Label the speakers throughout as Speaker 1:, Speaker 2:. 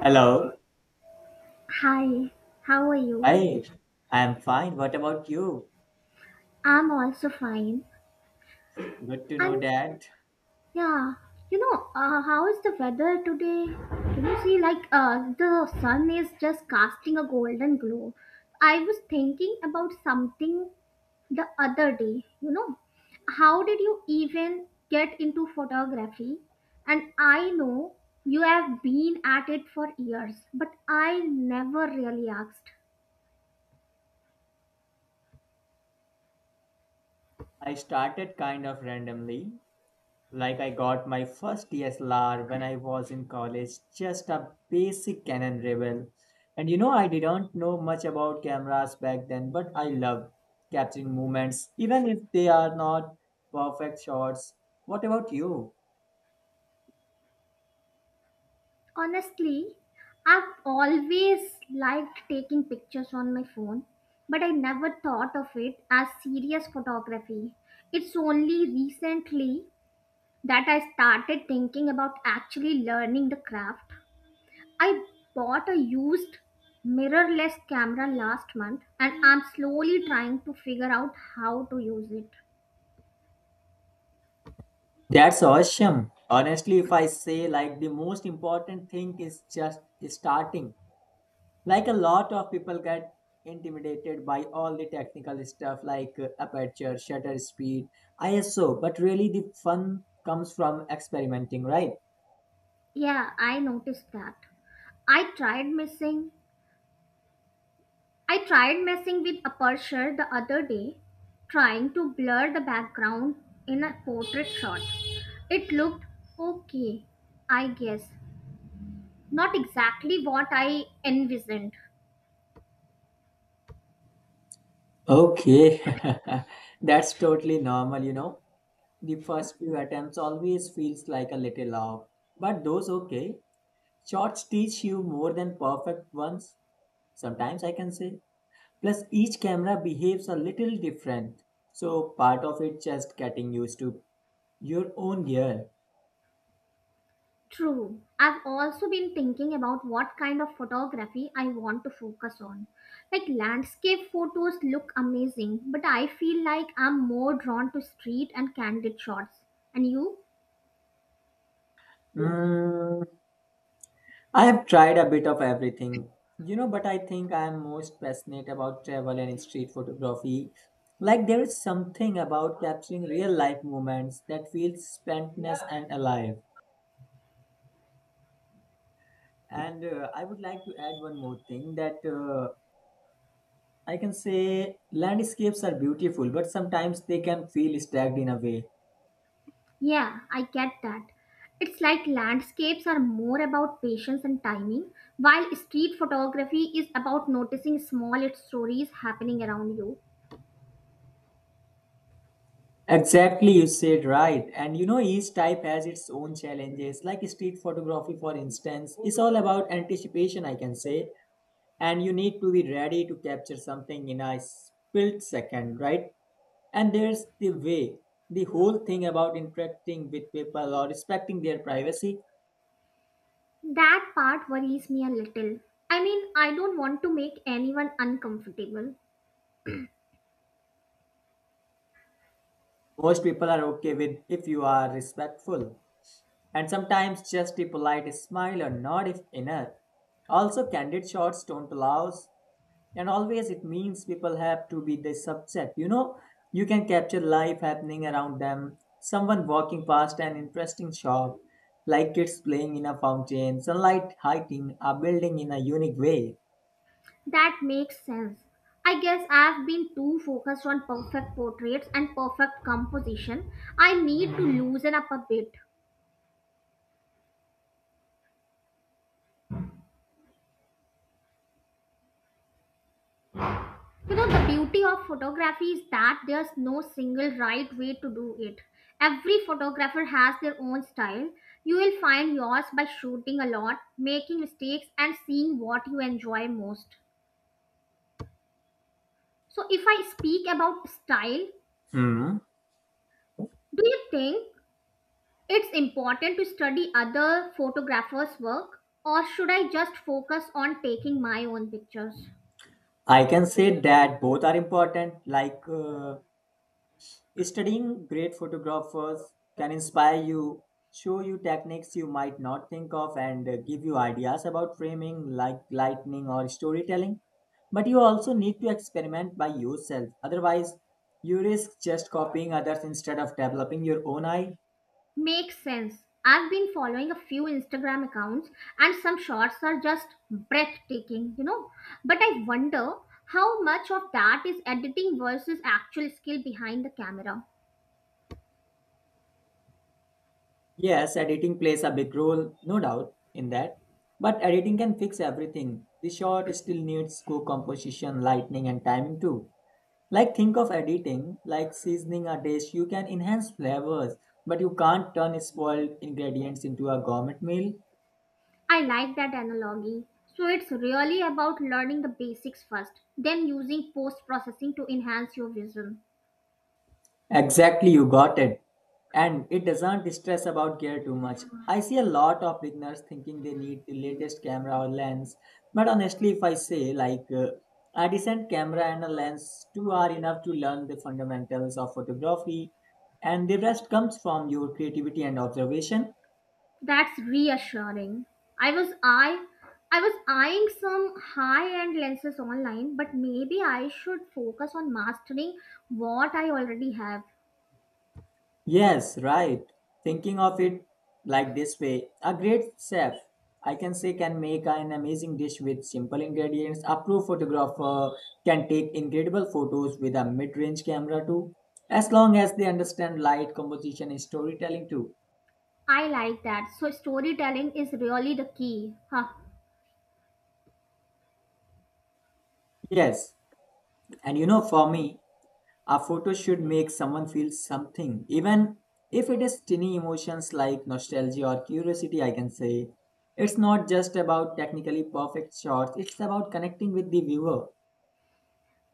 Speaker 1: Hello.
Speaker 2: Hi, how are you?
Speaker 1: Hi. I'm fine. What about you?
Speaker 2: I'm also fine.
Speaker 1: Good to know
Speaker 2: And
Speaker 1: that.
Speaker 2: yeah, how is the weather today? Can you see, like, the sun is just casting a golden glow. I was thinking about something the other day. How did you even get into photography? And I know you have been at it for years, but I never really asked.
Speaker 1: I started kind of randomly. Like, I got my first DSLR when I was in college, just a basic Canon Rebel. And you know, I didn't know much about cameras back then, but I love capturing moments, even if they are not perfect shots. What about you?
Speaker 2: Honestly, I've always liked taking pictures on my phone, but I never thought of it as serious photography. It's only recently that I started thinking about actually learning the craft. I bought a used mirrorless camera last month and I'm slowly trying to figure out how to use it.
Speaker 1: That's awesome. Honestly, if I say, like, the most important thing is just starting. Like, a lot of people get intimidated by all the technical stuff like aperture, shutter speed, ISO, but really the fun comes from experimenting, right?
Speaker 2: Yeah, I noticed that. I tried missing I tried messing with aperture the other day, trying to blur the background in a portrait shot. It looked okay, I guess. Not exactly what I envisioned.
Speaker 1: Okay. That's totally normal, you know. The first few attempts always feels like a little off, but those okay shots teach you more than perfect ones sometimes, I can say. Plus, each camera behaves a little different, so part of it just getting used to your own gear.
Speaker 2: True. I've also been thinking about what kind of photography I want to focus on. Like, landscape photos look amazing, but I feel like I'm more drawn to street and candid shots. And you?
Speaker 1: Mm, I have tried a bit of everything, but I think I am most passionate about travel and street photography. Like there is something about capturing real life moments that feels spontaneous and alive. And I would like to add one more thing that I can say landscapes are beautiful, but sometimes they can feel stagnant in a way.
Speaker 2: Yeah, I get that. It's like landscapes are more about patience and timing, while street photography is about noticing small stories happening around you.
Speaker 1: Exactly, you said right. And you know, each type has its own challenges. Like street photography, for instance, is all about anticipation, I can say. And you need to be ready to capture something in a split second, right? And there's the way, the whole thing about interacting with people or respecting their privacy.
Speaker 2: That part worries me a little. I mean, I don't want to make anyone uncomfortable.
Speaker 1: Most people are okay with if you are respectful. And sometimes just a polite smile or nod if enough. Also, candid shots don't allow and always it means people have to be the subject. You can capture life happening around them, someone walking past an interesting shop, like kids playing in a fountain, sunlight hitting a building in a unique way.
Speaker 2: That makes sense. I guess I've been too focused on perfect portraits and perfect composition. I need to loosen up a bit. You know, the beauty of photography is that there's no single right way to do it. Every photographer has their own style. You will find yours by shooting a lot, making mistakes, and seeing what you enjoy most. So, if I speak about style,
Speaker 1: Hmm.
Speaker 2: do you think it's important to study other photographers' work, or should I just focus on taking my own pictures?
Speaker 1: I can say that both are important, like, studying great photographers can inspire you, show you techniques you might not think of, and give you ideas about framing, like lighting or storytelling. But you also need to experiment by yourself. Otherwise, you risk just copying others instead of developing your own eye.
Speaker 2: Makes sense. I've been following a few Instagram accounts and some shots are just breathtaking, you know. But I wonder how much of that is editing versus actual skill behind the camera.
Speaker 1: Yes, editing plays a big role, no doubt in that. But editing can fix everything. The shot still needs good composition, lighting, and timing too. Like, think of editing like seasoning a dish. You can enhance flavors, but you can't turn spoiled ingredients into a gourmet meal.
Speaker 2: I like that analogy. So it's really about learning the basics first, then using post processing to enhance your vision.
Speaker 1: Exactly, you got it. And it doesn't stress about gear too much. I see a lot of beginners thinking they need the latest camera or lens, but honestly, if I say, like, a decent camera and a lens, two are enough to learn the fundamentals of photography, and the rest comes from your creativity and observation.
Speaker 2: That's reassuring. I was I I was eyeing some high-end lenses online, but maybe I should focus on mastering what I already have.
Speaker 1: Yes, right. Thinking of it like this way, a great chef, I can say, can make an amazing dish with simple ingredients. A pro photographer can take incredible photos with a mid range camera too, as long as they understand light, composition, and storytelling too.
Speaker 2: I like that. So storytelling is really the key. Huh.
Speaker 1: Yes, and you know, for me, a photo should make someone feel something, even if it is tiny emotions like nostalgia or curiosity, I can say. It's not just about technically perfect shots, it's about connecting with the viewer.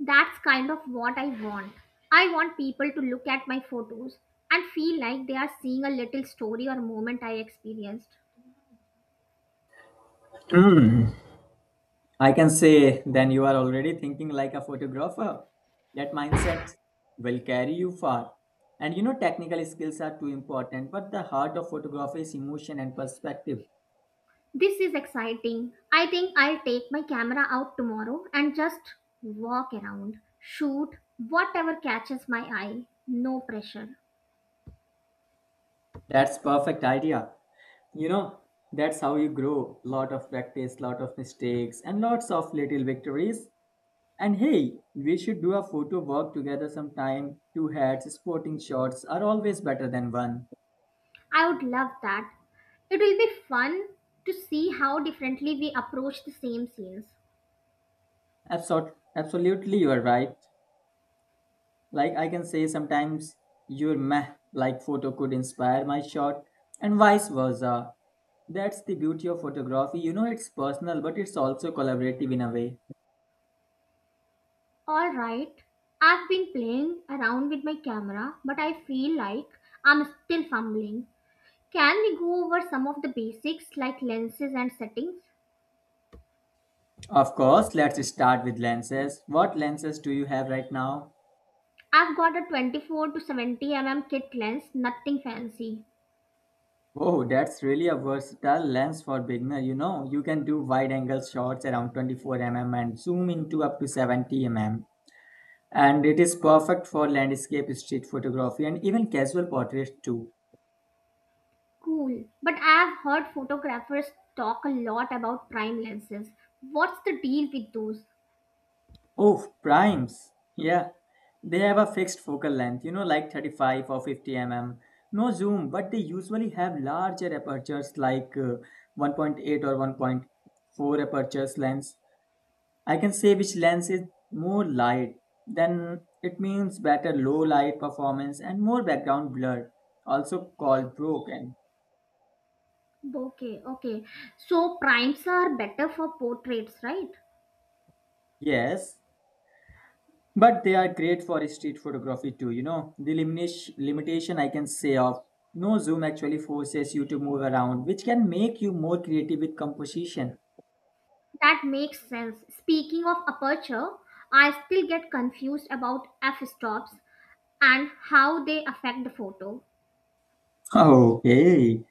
Speaker 2: That's kind of what I want. I want people to look at my photos and feel like they are seeing a little story or moment I experienced.
Speaker 1: Hmm. I can say then you are already thinking like a photographer. That mindset will carry you far. And you know, technical skills are too important, but the heart of photography is emotion and perspective.
Speaker 2: This is exciting. I think I'll take my camera out tomorrow and just walk around, shoot whatever catches my eye. No pressure.
Speaker 1: That's perfect idea. You know, that's how you grow, lot of practice, lot of mistakes, and lots of little victories. And hey, we should do a photo walk together sometime. Two hats sporting shots are always better than one.
Speaker 2: I would love that. It will be fun to see how differently we approach the same scenes.
Speaker 1: Absolutely, you are right. Like, I can say sometimes your meh, like, photo could inspire my shot, and vice versa. That's the beauty of photography. It's personal, but it's also collaborative in a way.
Speaker 2: Alright, I've been playing around with my camera, but I feel like I'm still fumbling. Can we go over some of the basics like lenses and settings?
Speaker 1: Of course. Let's start with lenses. What lenses do you have right now?
Speaker 2: I've got a 24 to 70mm kit lens, nothing fancy.
Speaker 1: Oh, that's really a versatile lens for beginner. You know, you can do wide angle shots around 24 mm and zoom into up to 70 mm. And it is perfect for landscape, street photography, and even casual portraits too.
Speaker 2: Cool. But I've heard photographers talk a lot about prime lenses. What's the deal with those?
Speaker 1: Oh, primes. Yeah. They have a fixed focal length, you know, like 35 or 50 mm. No zoom, but they usually have larger apertures like 1.8 or 1.4 apertures lens. I can say which lens is more light, then it means better low light performance and more background blur, also called broken.
Speaker 2: Okay, okay. So primes are better for portraits, right?
Speaker 1: Yes, but they are great for street photography too, you know. The limitation, I can say, of no zoom actually forces you to move around, which can make you more creative with composition.
Speaker 2: That makes sense. Speaking of aperture, I still get confused about f-stops and how they affect the photo.
Speaker 1: Okay.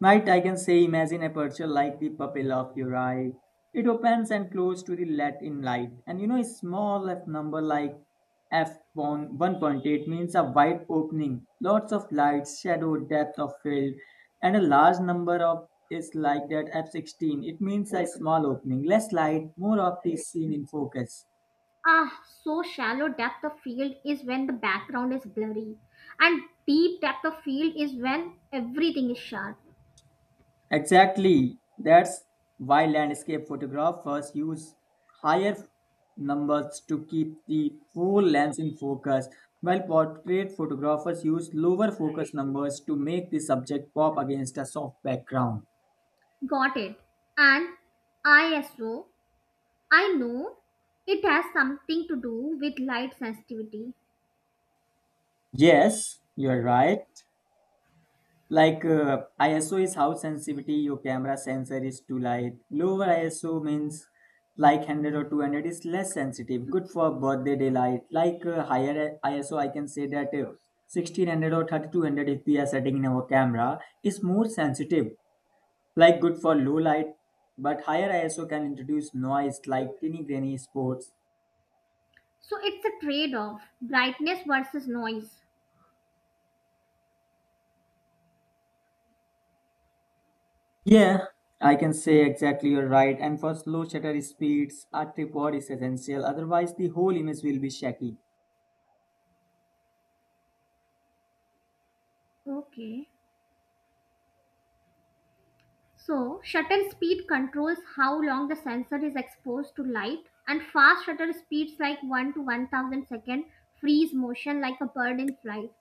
Speaker 1: Might I can say imagine a aperture like the pupil of your eye. It opens and closes to the let in light. And you know, a small f number like f 1.8 means a wide opening, lots of lights, shadow, depth of field, and a large number of is like that f16. It means a small opening, less light, more of the scene in focus.
Speaker 2: Ah, so shallow depth of field is when the background is blurry, and deep depth of field is when everything is sharp.
Speaker 1: Exactly. That's why landscape photographers use higher numbers to keep the full lens in focus, while portrait photographers use lower focus numbers to make the subject pop against a soft background.
Speaker 2: Got it. And ISO, I know it has something to do with light sensitivity.
Speaker 1: Yes, you're right. Like, ISO is how sensitivity your camera sensor is to light. Lower ISO means like 100 or 200 is less sensitive, good for birthday daylight. Like, higher ISO, I can say that, 1600 or 3200 if we are setting in our camera is more sensitive, like good for low light. But higher ISO can introduce noise like teeny grainy spots.
Speaker 2: So it's a trade off, brightness versus noise.
Speaker 1: Yeah, I can say exactly, you're right. And for slow shutter speeds, a tripod is essential. Otherwise, the whole image will be shaky.
Speaker 2: Okay. So, shutter speed controls how long the sensor is exposed to light, and fast shutter speeds like 1 to 1000 second freeze motion like a bird in flight.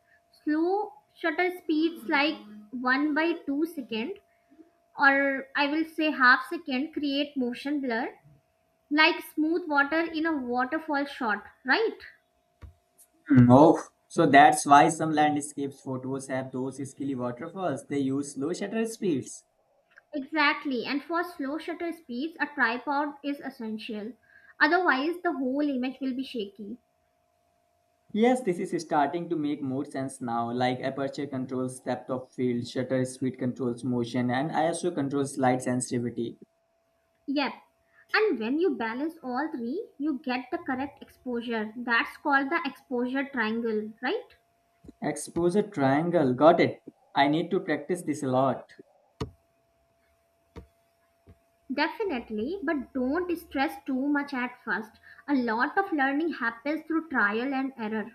Speaker 2: Slow shutter speeds like 1 by 2 second, or I will say half second, create motion blur like smooth water in a waterfall shot, right?
Speaker 1: Mm. Oh, so that's why some landscapes photos have those scaly waterfalls. They use slow shutter speeds.
Speaker 2: Exactly, and for slow shutter speeds, a tripod is essential. Otherwise, the whole image will be shaky.
Speaker 1: Yes, this is starting to make more sense now. Like, aperture controls depth of field, shutter speed controls motion, and ISO controls light sensitivity.
Speaker 2: Yep. And when you balance all three, you get the correct exposure. That's called the exposure triangle, right?
Speaker 1: Exposure triangle, got it. I need to practice this a lot.
Speaker 2: Definitely, but don't stress too much at first. A lot of learning happens through trial and error.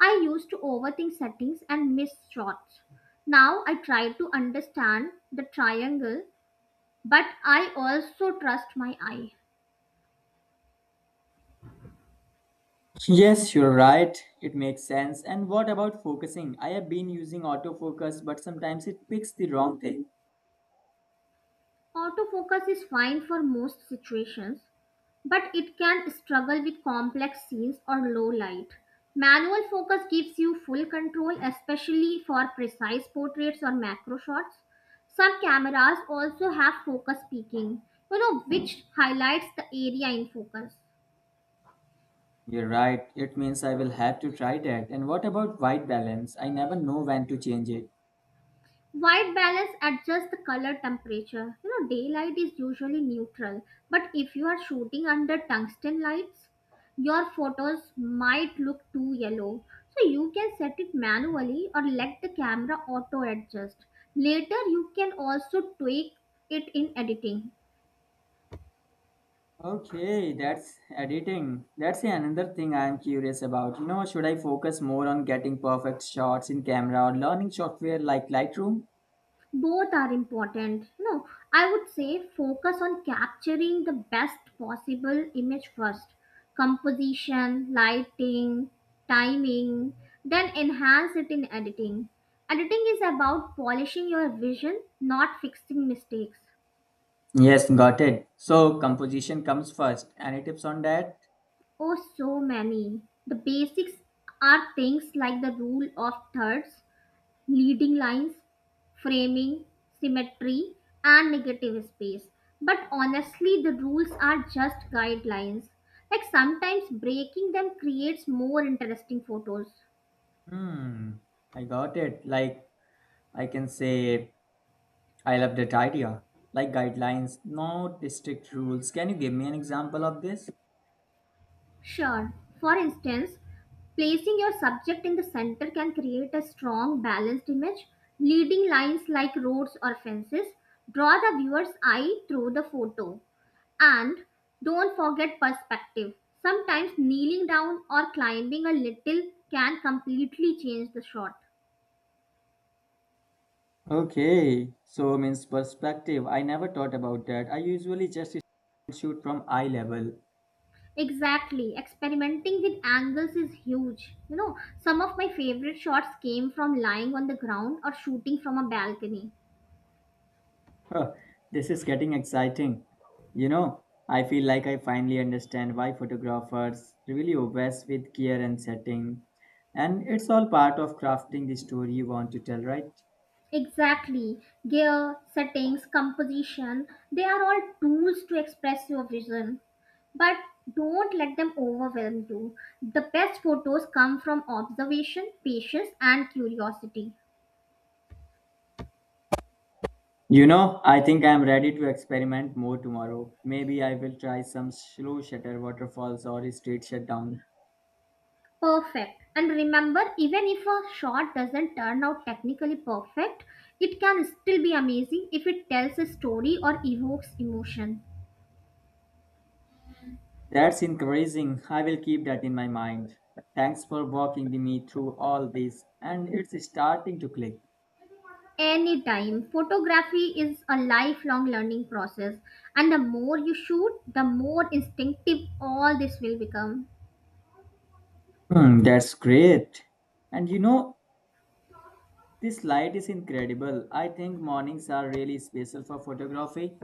Speaker 2: I used to overthink settings and miss shots. Now I try to understand the triangle, but I also trust my eye.
Speaker 1: Yes, you're right. It makes sense. And what about focusing? I have been using autofocus, but sometimes it picks the wrong thing.
Speaker 2: Autofocus is fine for most situations, but it can struggle with complex scenes or low light. Manual focus gives you full control, especially for precise portraits or macro shots. Some cameras also have focus peaking, you know, which highlights the area in focus.
Speaker 1: You're right. It means I will have to try that. And what about white balance? I never know when to change it.
Speaker 2: White balance adjusts the color temperature. You know, daylight is usually neutral, but if you are shooting under tungsten lights, your photos might look too yellow. So you can set it manually or let the camera auto adjust. Later, you can also tweak it in editing.
Speaker 1: Okay, that's editing. That's another thing I am curious about. You know, should I focus more on getting perfect shots in camera or learning software like Lightroom?
Speaker 2: Both are important. No, I would say focus on capturing the best possible image first, composition, lighting, timing, then enhance it in editing. Editing is about polishing your vision, not fixing mistakes.
Speaker 1: Yes, got it. So composition comes first. Any tips on that?
Speaker 2: Oh, so many. The basics are things like the rule of thirds, leading lines, framing, symmetry, and negative space. But honestly, the rules are just guidelines. Like, sometimes breaking them creates more interesting photos.
Speaker 1: Hmm, I got it. Like, I can say, I love that idea. Like, guidelines, no strict rules. Can you give me an example of this?
Speaker 2: Sure. For instance, placing your subject in the center can create a strong, balanced image. Leading lines like roads or fences draw the viewer's eye through the photo. And don't forget perspective. Sometimes kneeling down or climbing a little can completely change the shot.
Speaker 1: Okay, so means perspective. I never thought about that. I usually just shoot from eye level.
Speaker 2: Exactly. Experimenting with angles is huge. You know, some of my favorite shots came from lying on the ground or shooting from a balcony.
Speaker 1: Huh, this is getting exciting. You know, I feel like I finally understand why photographers really obsess with gear and setting. And it's all part of crafting the story you want to tell, right?
Speaker 2: Exactly. Gear, settings, composition, they are all tools to express your vision. But don't let them overwhelm you. The best photos come from observation, patience, and curiosity.
Speaker 1: You know, I think I'm ready to experiment more tomorrow. Maybe I will try some slow shutter waterfalls or a straight shutdown.
Speaker 2: Perfect. And remember, even if a shot doesn't turn out technically perfect, it can still be amazing if it tells a story or evokes emotion.
Speaker 1: That's encouraging. I will keep that in my mind. Thanks for walking me through all this, and it's starting to click.
Speaker 2: Anytime. Photography is a lifelong learning process, and the more you shoot, the more instinctive all this will become.
Speaker 1: Hmm, that's great. And you know, this light is incredible. I think mornings are really special for photography.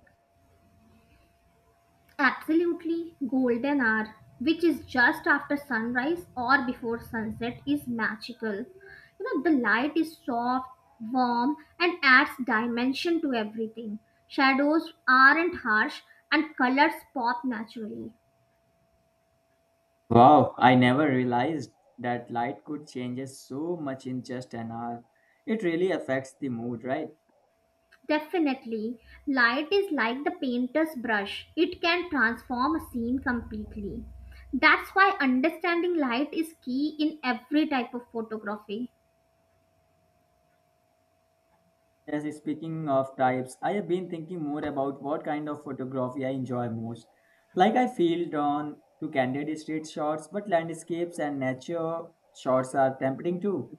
Speaker 2: Absolutely, golden hour, which is just after sunrise or before sunset, is magical. You know, the light is soft, warm, and adds dimension to everything. Shadows aren't harsh, and colors pop naturally.
Speaker 1: Wow, I never realized that light could change so much in just an hour. It really affects the mood, right?
Speaker 2: Definitely, light is like the painter's brush, it can transform a scene completely. That's why understanding light is key in every type of photography.
Speaker 1: Yes, speaking of types, I have been thinking more about what kind of photography I enjoy most. Like, I feel drawn to candid street shots, but landscapes and nature shots are tempting too.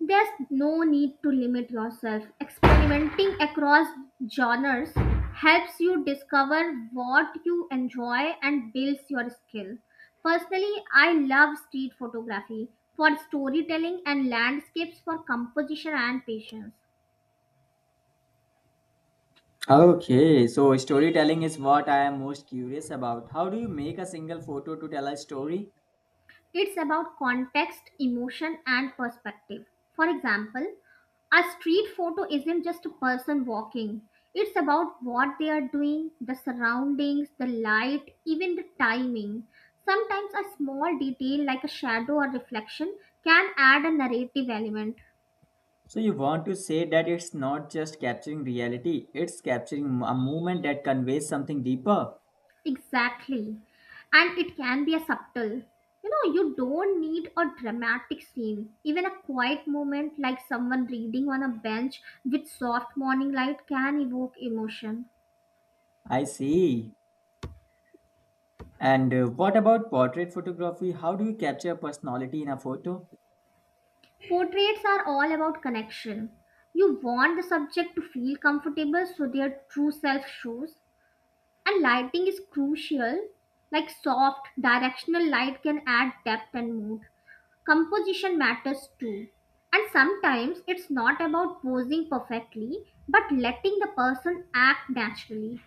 Speaker 2: There's no need to limit yourself. Experimenting across genres helps you discover what you enjoy and builds your skill. Personally, I love street photography for storytelling and landscapes for composition and patience.
Speaker 1: Okay, so storytelling is what I am most curious about. How do you make a single photo to tell a story?
Speaker 2: It's about context, emotion, and perspective. For example, a street photo isn't just a person walking, it's about what they are doing, the surroundings, the light, even the timing. Sometimes a small detail like a shadow or reflection can add a narrative element.
Speaker 1: So you want to say that it's not just capturing reality, it's capturing a moment that conveys something deeper.
Speaker 2: Exactly. And it can be a subtle. You know, you don't need a dramatic scene. Even a quiet moment like someone reading on a bench with soft morning light can evoke emotion.
Speaker 1: I see. And what about portrait photography? How do you capture personality in a photo?
Speaker 2: Portraits are all about connection. You want the subject to feel comfortable so their true self shows. And lighting is crucial. Like, soft, directional light can add depth and mood. Composition matters too. And sometimes it's not about posing perfectly, but letting the person act naturally.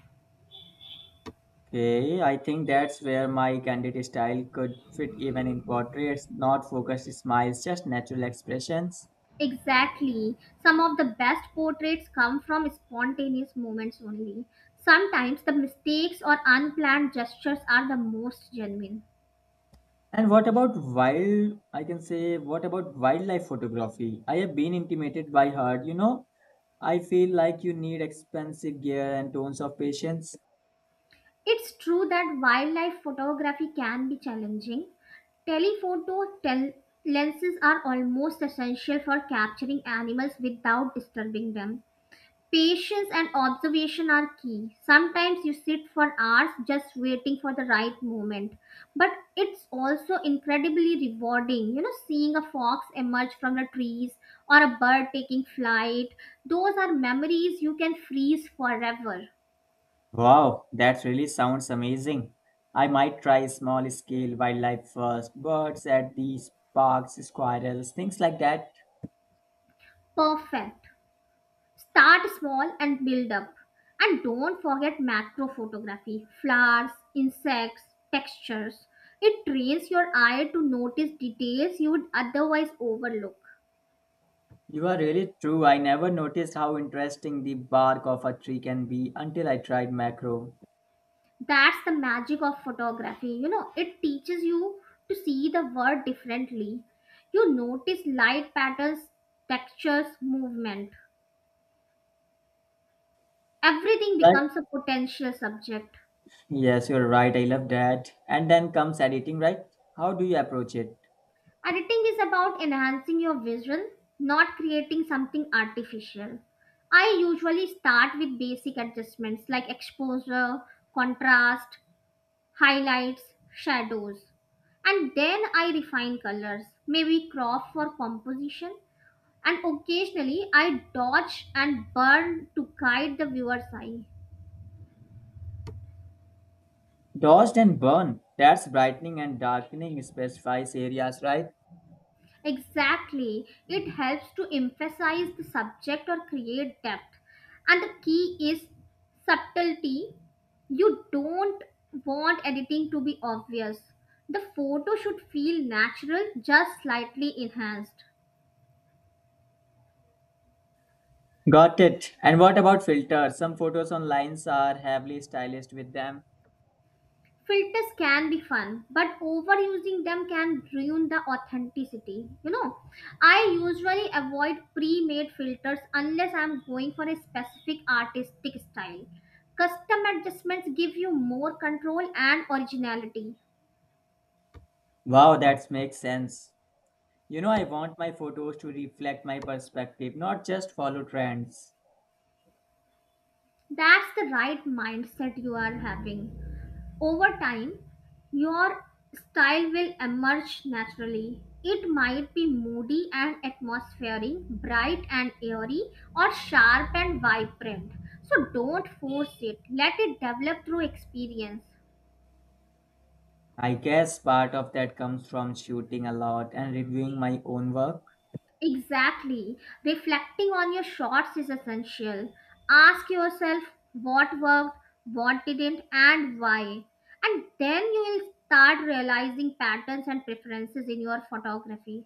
Speaker 1: Okay, I think that's where my candid style could fit even in portraits, not focused smiles, just natural expressions.
Speaker 2: Exactly. Some of the best portraits come from spontaneous moments only. Sometimes the mistakes or unplanned gestures are the most genuine.
Speaker 1: And what about I can say, what about wildlife photography? I have been intimidated by her, you know. I feel like you need expensive gear and tons of patience.
Speaker 2: It's true that wildlife photography can be challenging. Telephoto lenses are almost essential for capturing animals without disturbing them. Patience and observation are key. Sometimes you sit for hours just waiting for the right moment. But it's also incredibly rewarding, you know, seeing a fox emerge from the trees or a bird taking flight. Those are memories you can freeze forever.
Speaker 1: Wow, that really sounds amazing. I might try small scale wildlife first, birds at these parks, squirrels, things like that.
Speaker 2: Perfect. Start small and build up. And don't forget macro photography, flowers, insects, textures. It trains your eye to notice details you would otherwise overlook.
Speaker 1: You are really true. I never noticed how interesting the bark of a tree can be until I tried macro.
Speaker 2: That's the magic of photography. You know, it teaches you to see the world differently. You notice light patterns, textures, movement. Everything
Speaker 1: Right?
Speaker 2: becomes a potential subject.
Speaker 1: Yes, you're right. I love that. And then comes editing, right? How do you approach it?
Speaker 2: Editing is about enhancing your vision, not creating something artificial. I usually start with basic adjustments like exposure, contrast, highlights, shadows. And then I refine colors, maybe crop for composition, and occasionally I dodge and burn to guide the viewer's eye.
Speaker 1: Dodged and burn. That's brightening and darkening specifies areas, right?
Speaker 2: Exactly, it helps to emphasize the subject or create depth. And the key is subtlety. You don't want editing to be obvious. The photo should feel natural, just slightly enhanced.
Speaker 1: Got it. And what about filters? Some photos online are heavily stylized with them.
Speaker 2: Filters can be fun, but overusing them can ruin the authenticity. You know, I usually avoid pre-made filters unless I'm going for a specific artistic style. Custom adjustments give you more control and originality.
Speaker 1: Wow, that makes sense. You know, I want my photos to reflect my perspective, not just follow trends.
Speaker 2: That's the right mindset you are having. Over time, your style will emerge naturally. It might be moody and atmospheric, bright and airy, or sharp and vibrant. So don't force it, let it develop through experience.
Speaker 1: I guess part of that comes from shooting a lot and reviewing my own work.
Speaker 2: Exactly. Reflecting on your shots is essential. Ask yourself what worked, what didn't, and why. And then you will start realizing patterns and preferences in your photography.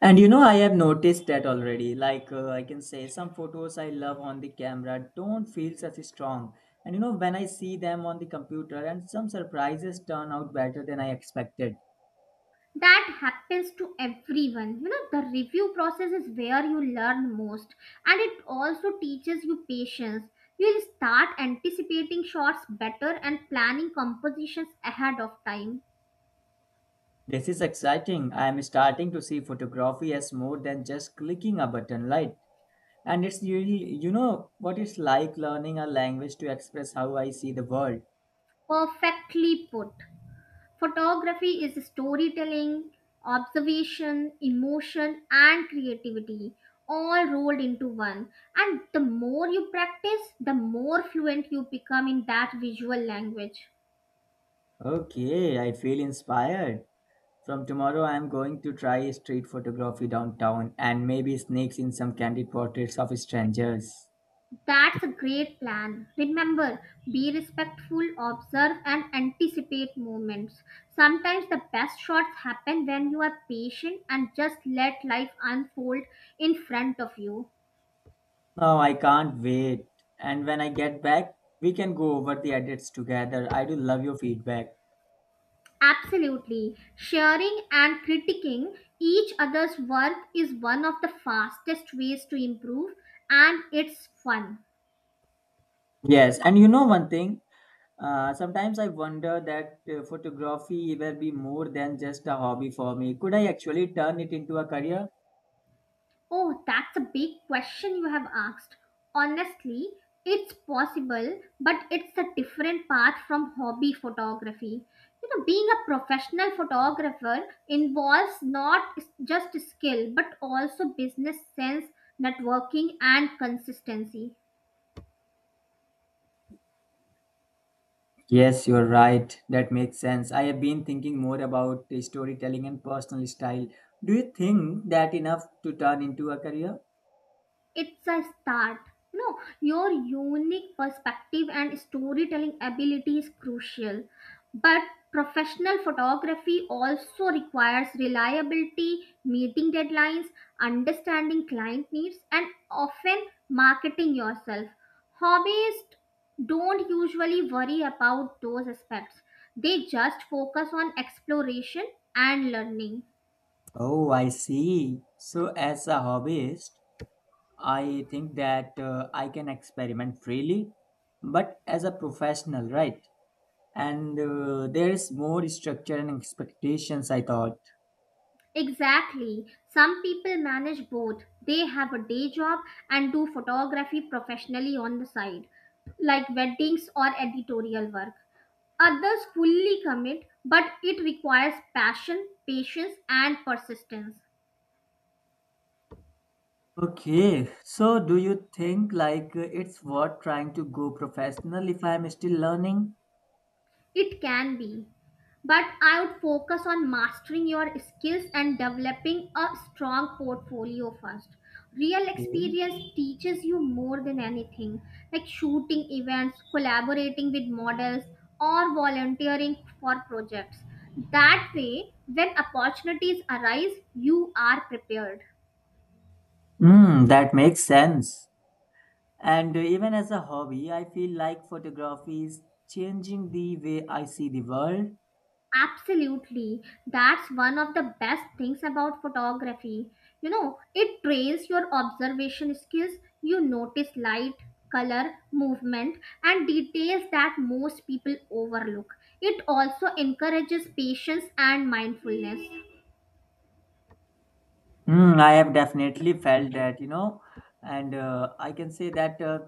Speaker 1: And you know, I have noticed that already. Like, I can say, some photos I love on the camera don't feel such strong. And you know, when I see them on the computer, and some surprises turn out better than I expected.
Speaker 2: That happens to everyone, you know. The review process is where you learn most, and it also teaches you patience. You'll start anticipating shots better and planning compositions ahead of time.
Speaker 1: This is exciting. I am starting to see photography as more than just clicking a button, right? And it's really, you know, what it's like learning a language to express how I see the world.
Speaker 2: Perfectly put. Photography is storytelling, observation, emotion, and creativity, all rolled into one. And the more you practice, the more fluent you become in that visual language.
Speaker 1: Okay, I feel inspired. From tomorrow, I'm going to try street photography downtown and maybe sneaks in some candid portraits of strangers.
Speaker 2: That's a great plan. Remember, be respectful, observe, and anticipate movements. Sometimes the best shots happen when you are patient and just let life unfold in front of you.
Speaker 1: Oh, I can't wait. And when I get back, we can go over the edits together. I do love your feedback.
Speaker 2: Absolutely. Sharing and critiquing each other's work is one of the fastest ways to improve, and it's fun.
Speaker 1: Yes, and you know, one thing, sometimes I wonder that photography will be more than just a hobby for me. Could I actually turn it into a career?
Speaker 2: Oh, that's a big question you have asked. Honestly, it's possible, but it's a different path from hobby photography. You know, being a professional photographer involves not just skill but also business sense, networking, and consistency.
Speaker 1: Yes, you're right. That makes sense. I have been thinking more about the storytelling and personal style. Do you think that enough to turn into a career?
Speaker 2: It's a start. No, your unique perspective and storytelling ability is crucial, but professional photography also requires reliability, meeting deadlines, understanding client needs, and often marketing yourself. Hobbyists don't usually worry about those aspects. They just focus on exploration and learning.
Speaker 1: Oh, I see. So, as a hobbyist, I think that, I can experiment freely, but as a professional, right? And there is more structure and expectations, I thought.
Speaker 2: Exactly. Some people manage both. They have a day job and do photography professionally on the side, like weddings or editorial work. Others fully commit, but it requires passion, patience, and persistence.
Speaker 1: Okay, so do you think, like, it's worth trying to go professional if I'm still learning?
Speaker 2: It can be, but I would focus on mastering your skills and developing a strong portfolio first. Real experience teaches you more than anything, like shooting events, collaborating with models, or volunteering for projects. That way, when opportunities arise, you are prepared.
Speaker 1: Mm, that makes sense. And even as a hobby, I feel like photography is changing the way I see the world.
Speaker 2: Absolutely. That's one of the best things about photography. You know, it trains your observation skills. You notice light, color, movement, and details that most people overlook. It also encourages patience and mindfulness.
Speaker 1: Mm, I have definitely felt that, you know, and I can say that,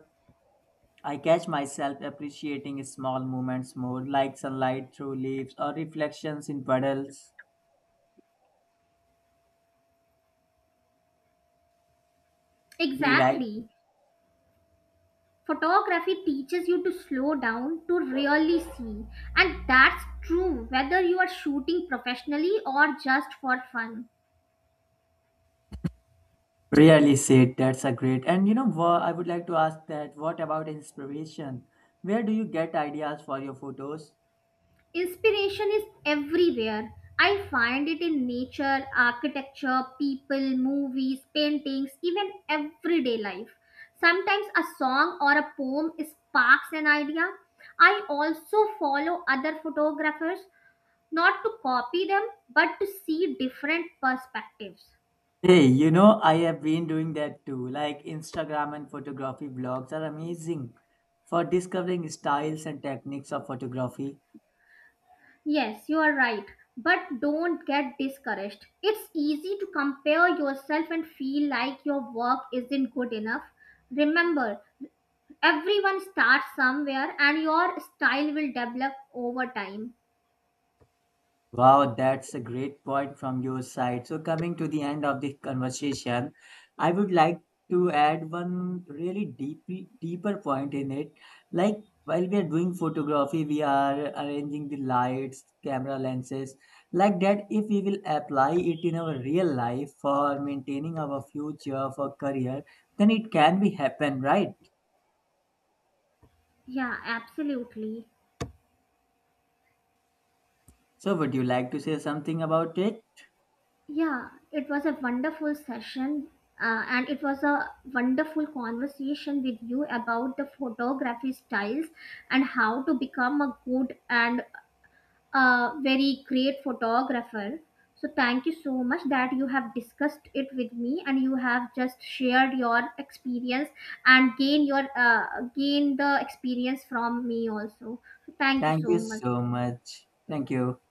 Speaker 1: I catch myself appreciating small moments more, like sunlight through leaves or reflections in puddles. Do you like?
Speaker 2: Exactly. Photography teaches you to slow down to really see, and that's true whether you are shooting professionally or just for fun.
Speaker 1: Really said that's a great. And you know what? I would like to ask that what about inspiration? Where do you get ideas for your photos?
Speaker 2: Inspiration is everywhere. I find it in nature, architecture, people, movies, paintings, even everyday life. Sometimes a song or a poem sparks an idea. I also follow other photographers, not to copy them, but to see different perspectives.
Speaker 1: Hey, you know, I have been doing that too. Like, Instagram and photography blogs are amazing for discovering styles and techniques of photography.
Speaker 2: Yes, you are right. But don't get discouraged. It's easy to compare yourself and feel like your work isn't good enough. Remember, everyone starts somewhere and your style will develop over time.
Speaker 1: Wow, that's a great point from your side. So, coming to the end of the conversation, I would like to add one really deep, deeper point in it. Like, while we are doing photography, we are arranging the lights, camera lenses, like that. If we will apply it in our real life for maintaining our future, for career, then it can be happen, right?
Speaker 2: Yeah, absolutely.
Speaker 1: So, would you like to say something about it?
Speaker 2: Yeah, it was a wonderful session, and it was a wonderful conversation with you about the photography styles and how to become a good and a very great photographer. So thank you so much that you have discussed it with me and you have just shared your experience and gain the experience from me also. So thank you
Speaker 1: Thank
Speaker 2: so
Speaker 1: you
Speaker 2: much.
Speaker 1: so much. Thank you.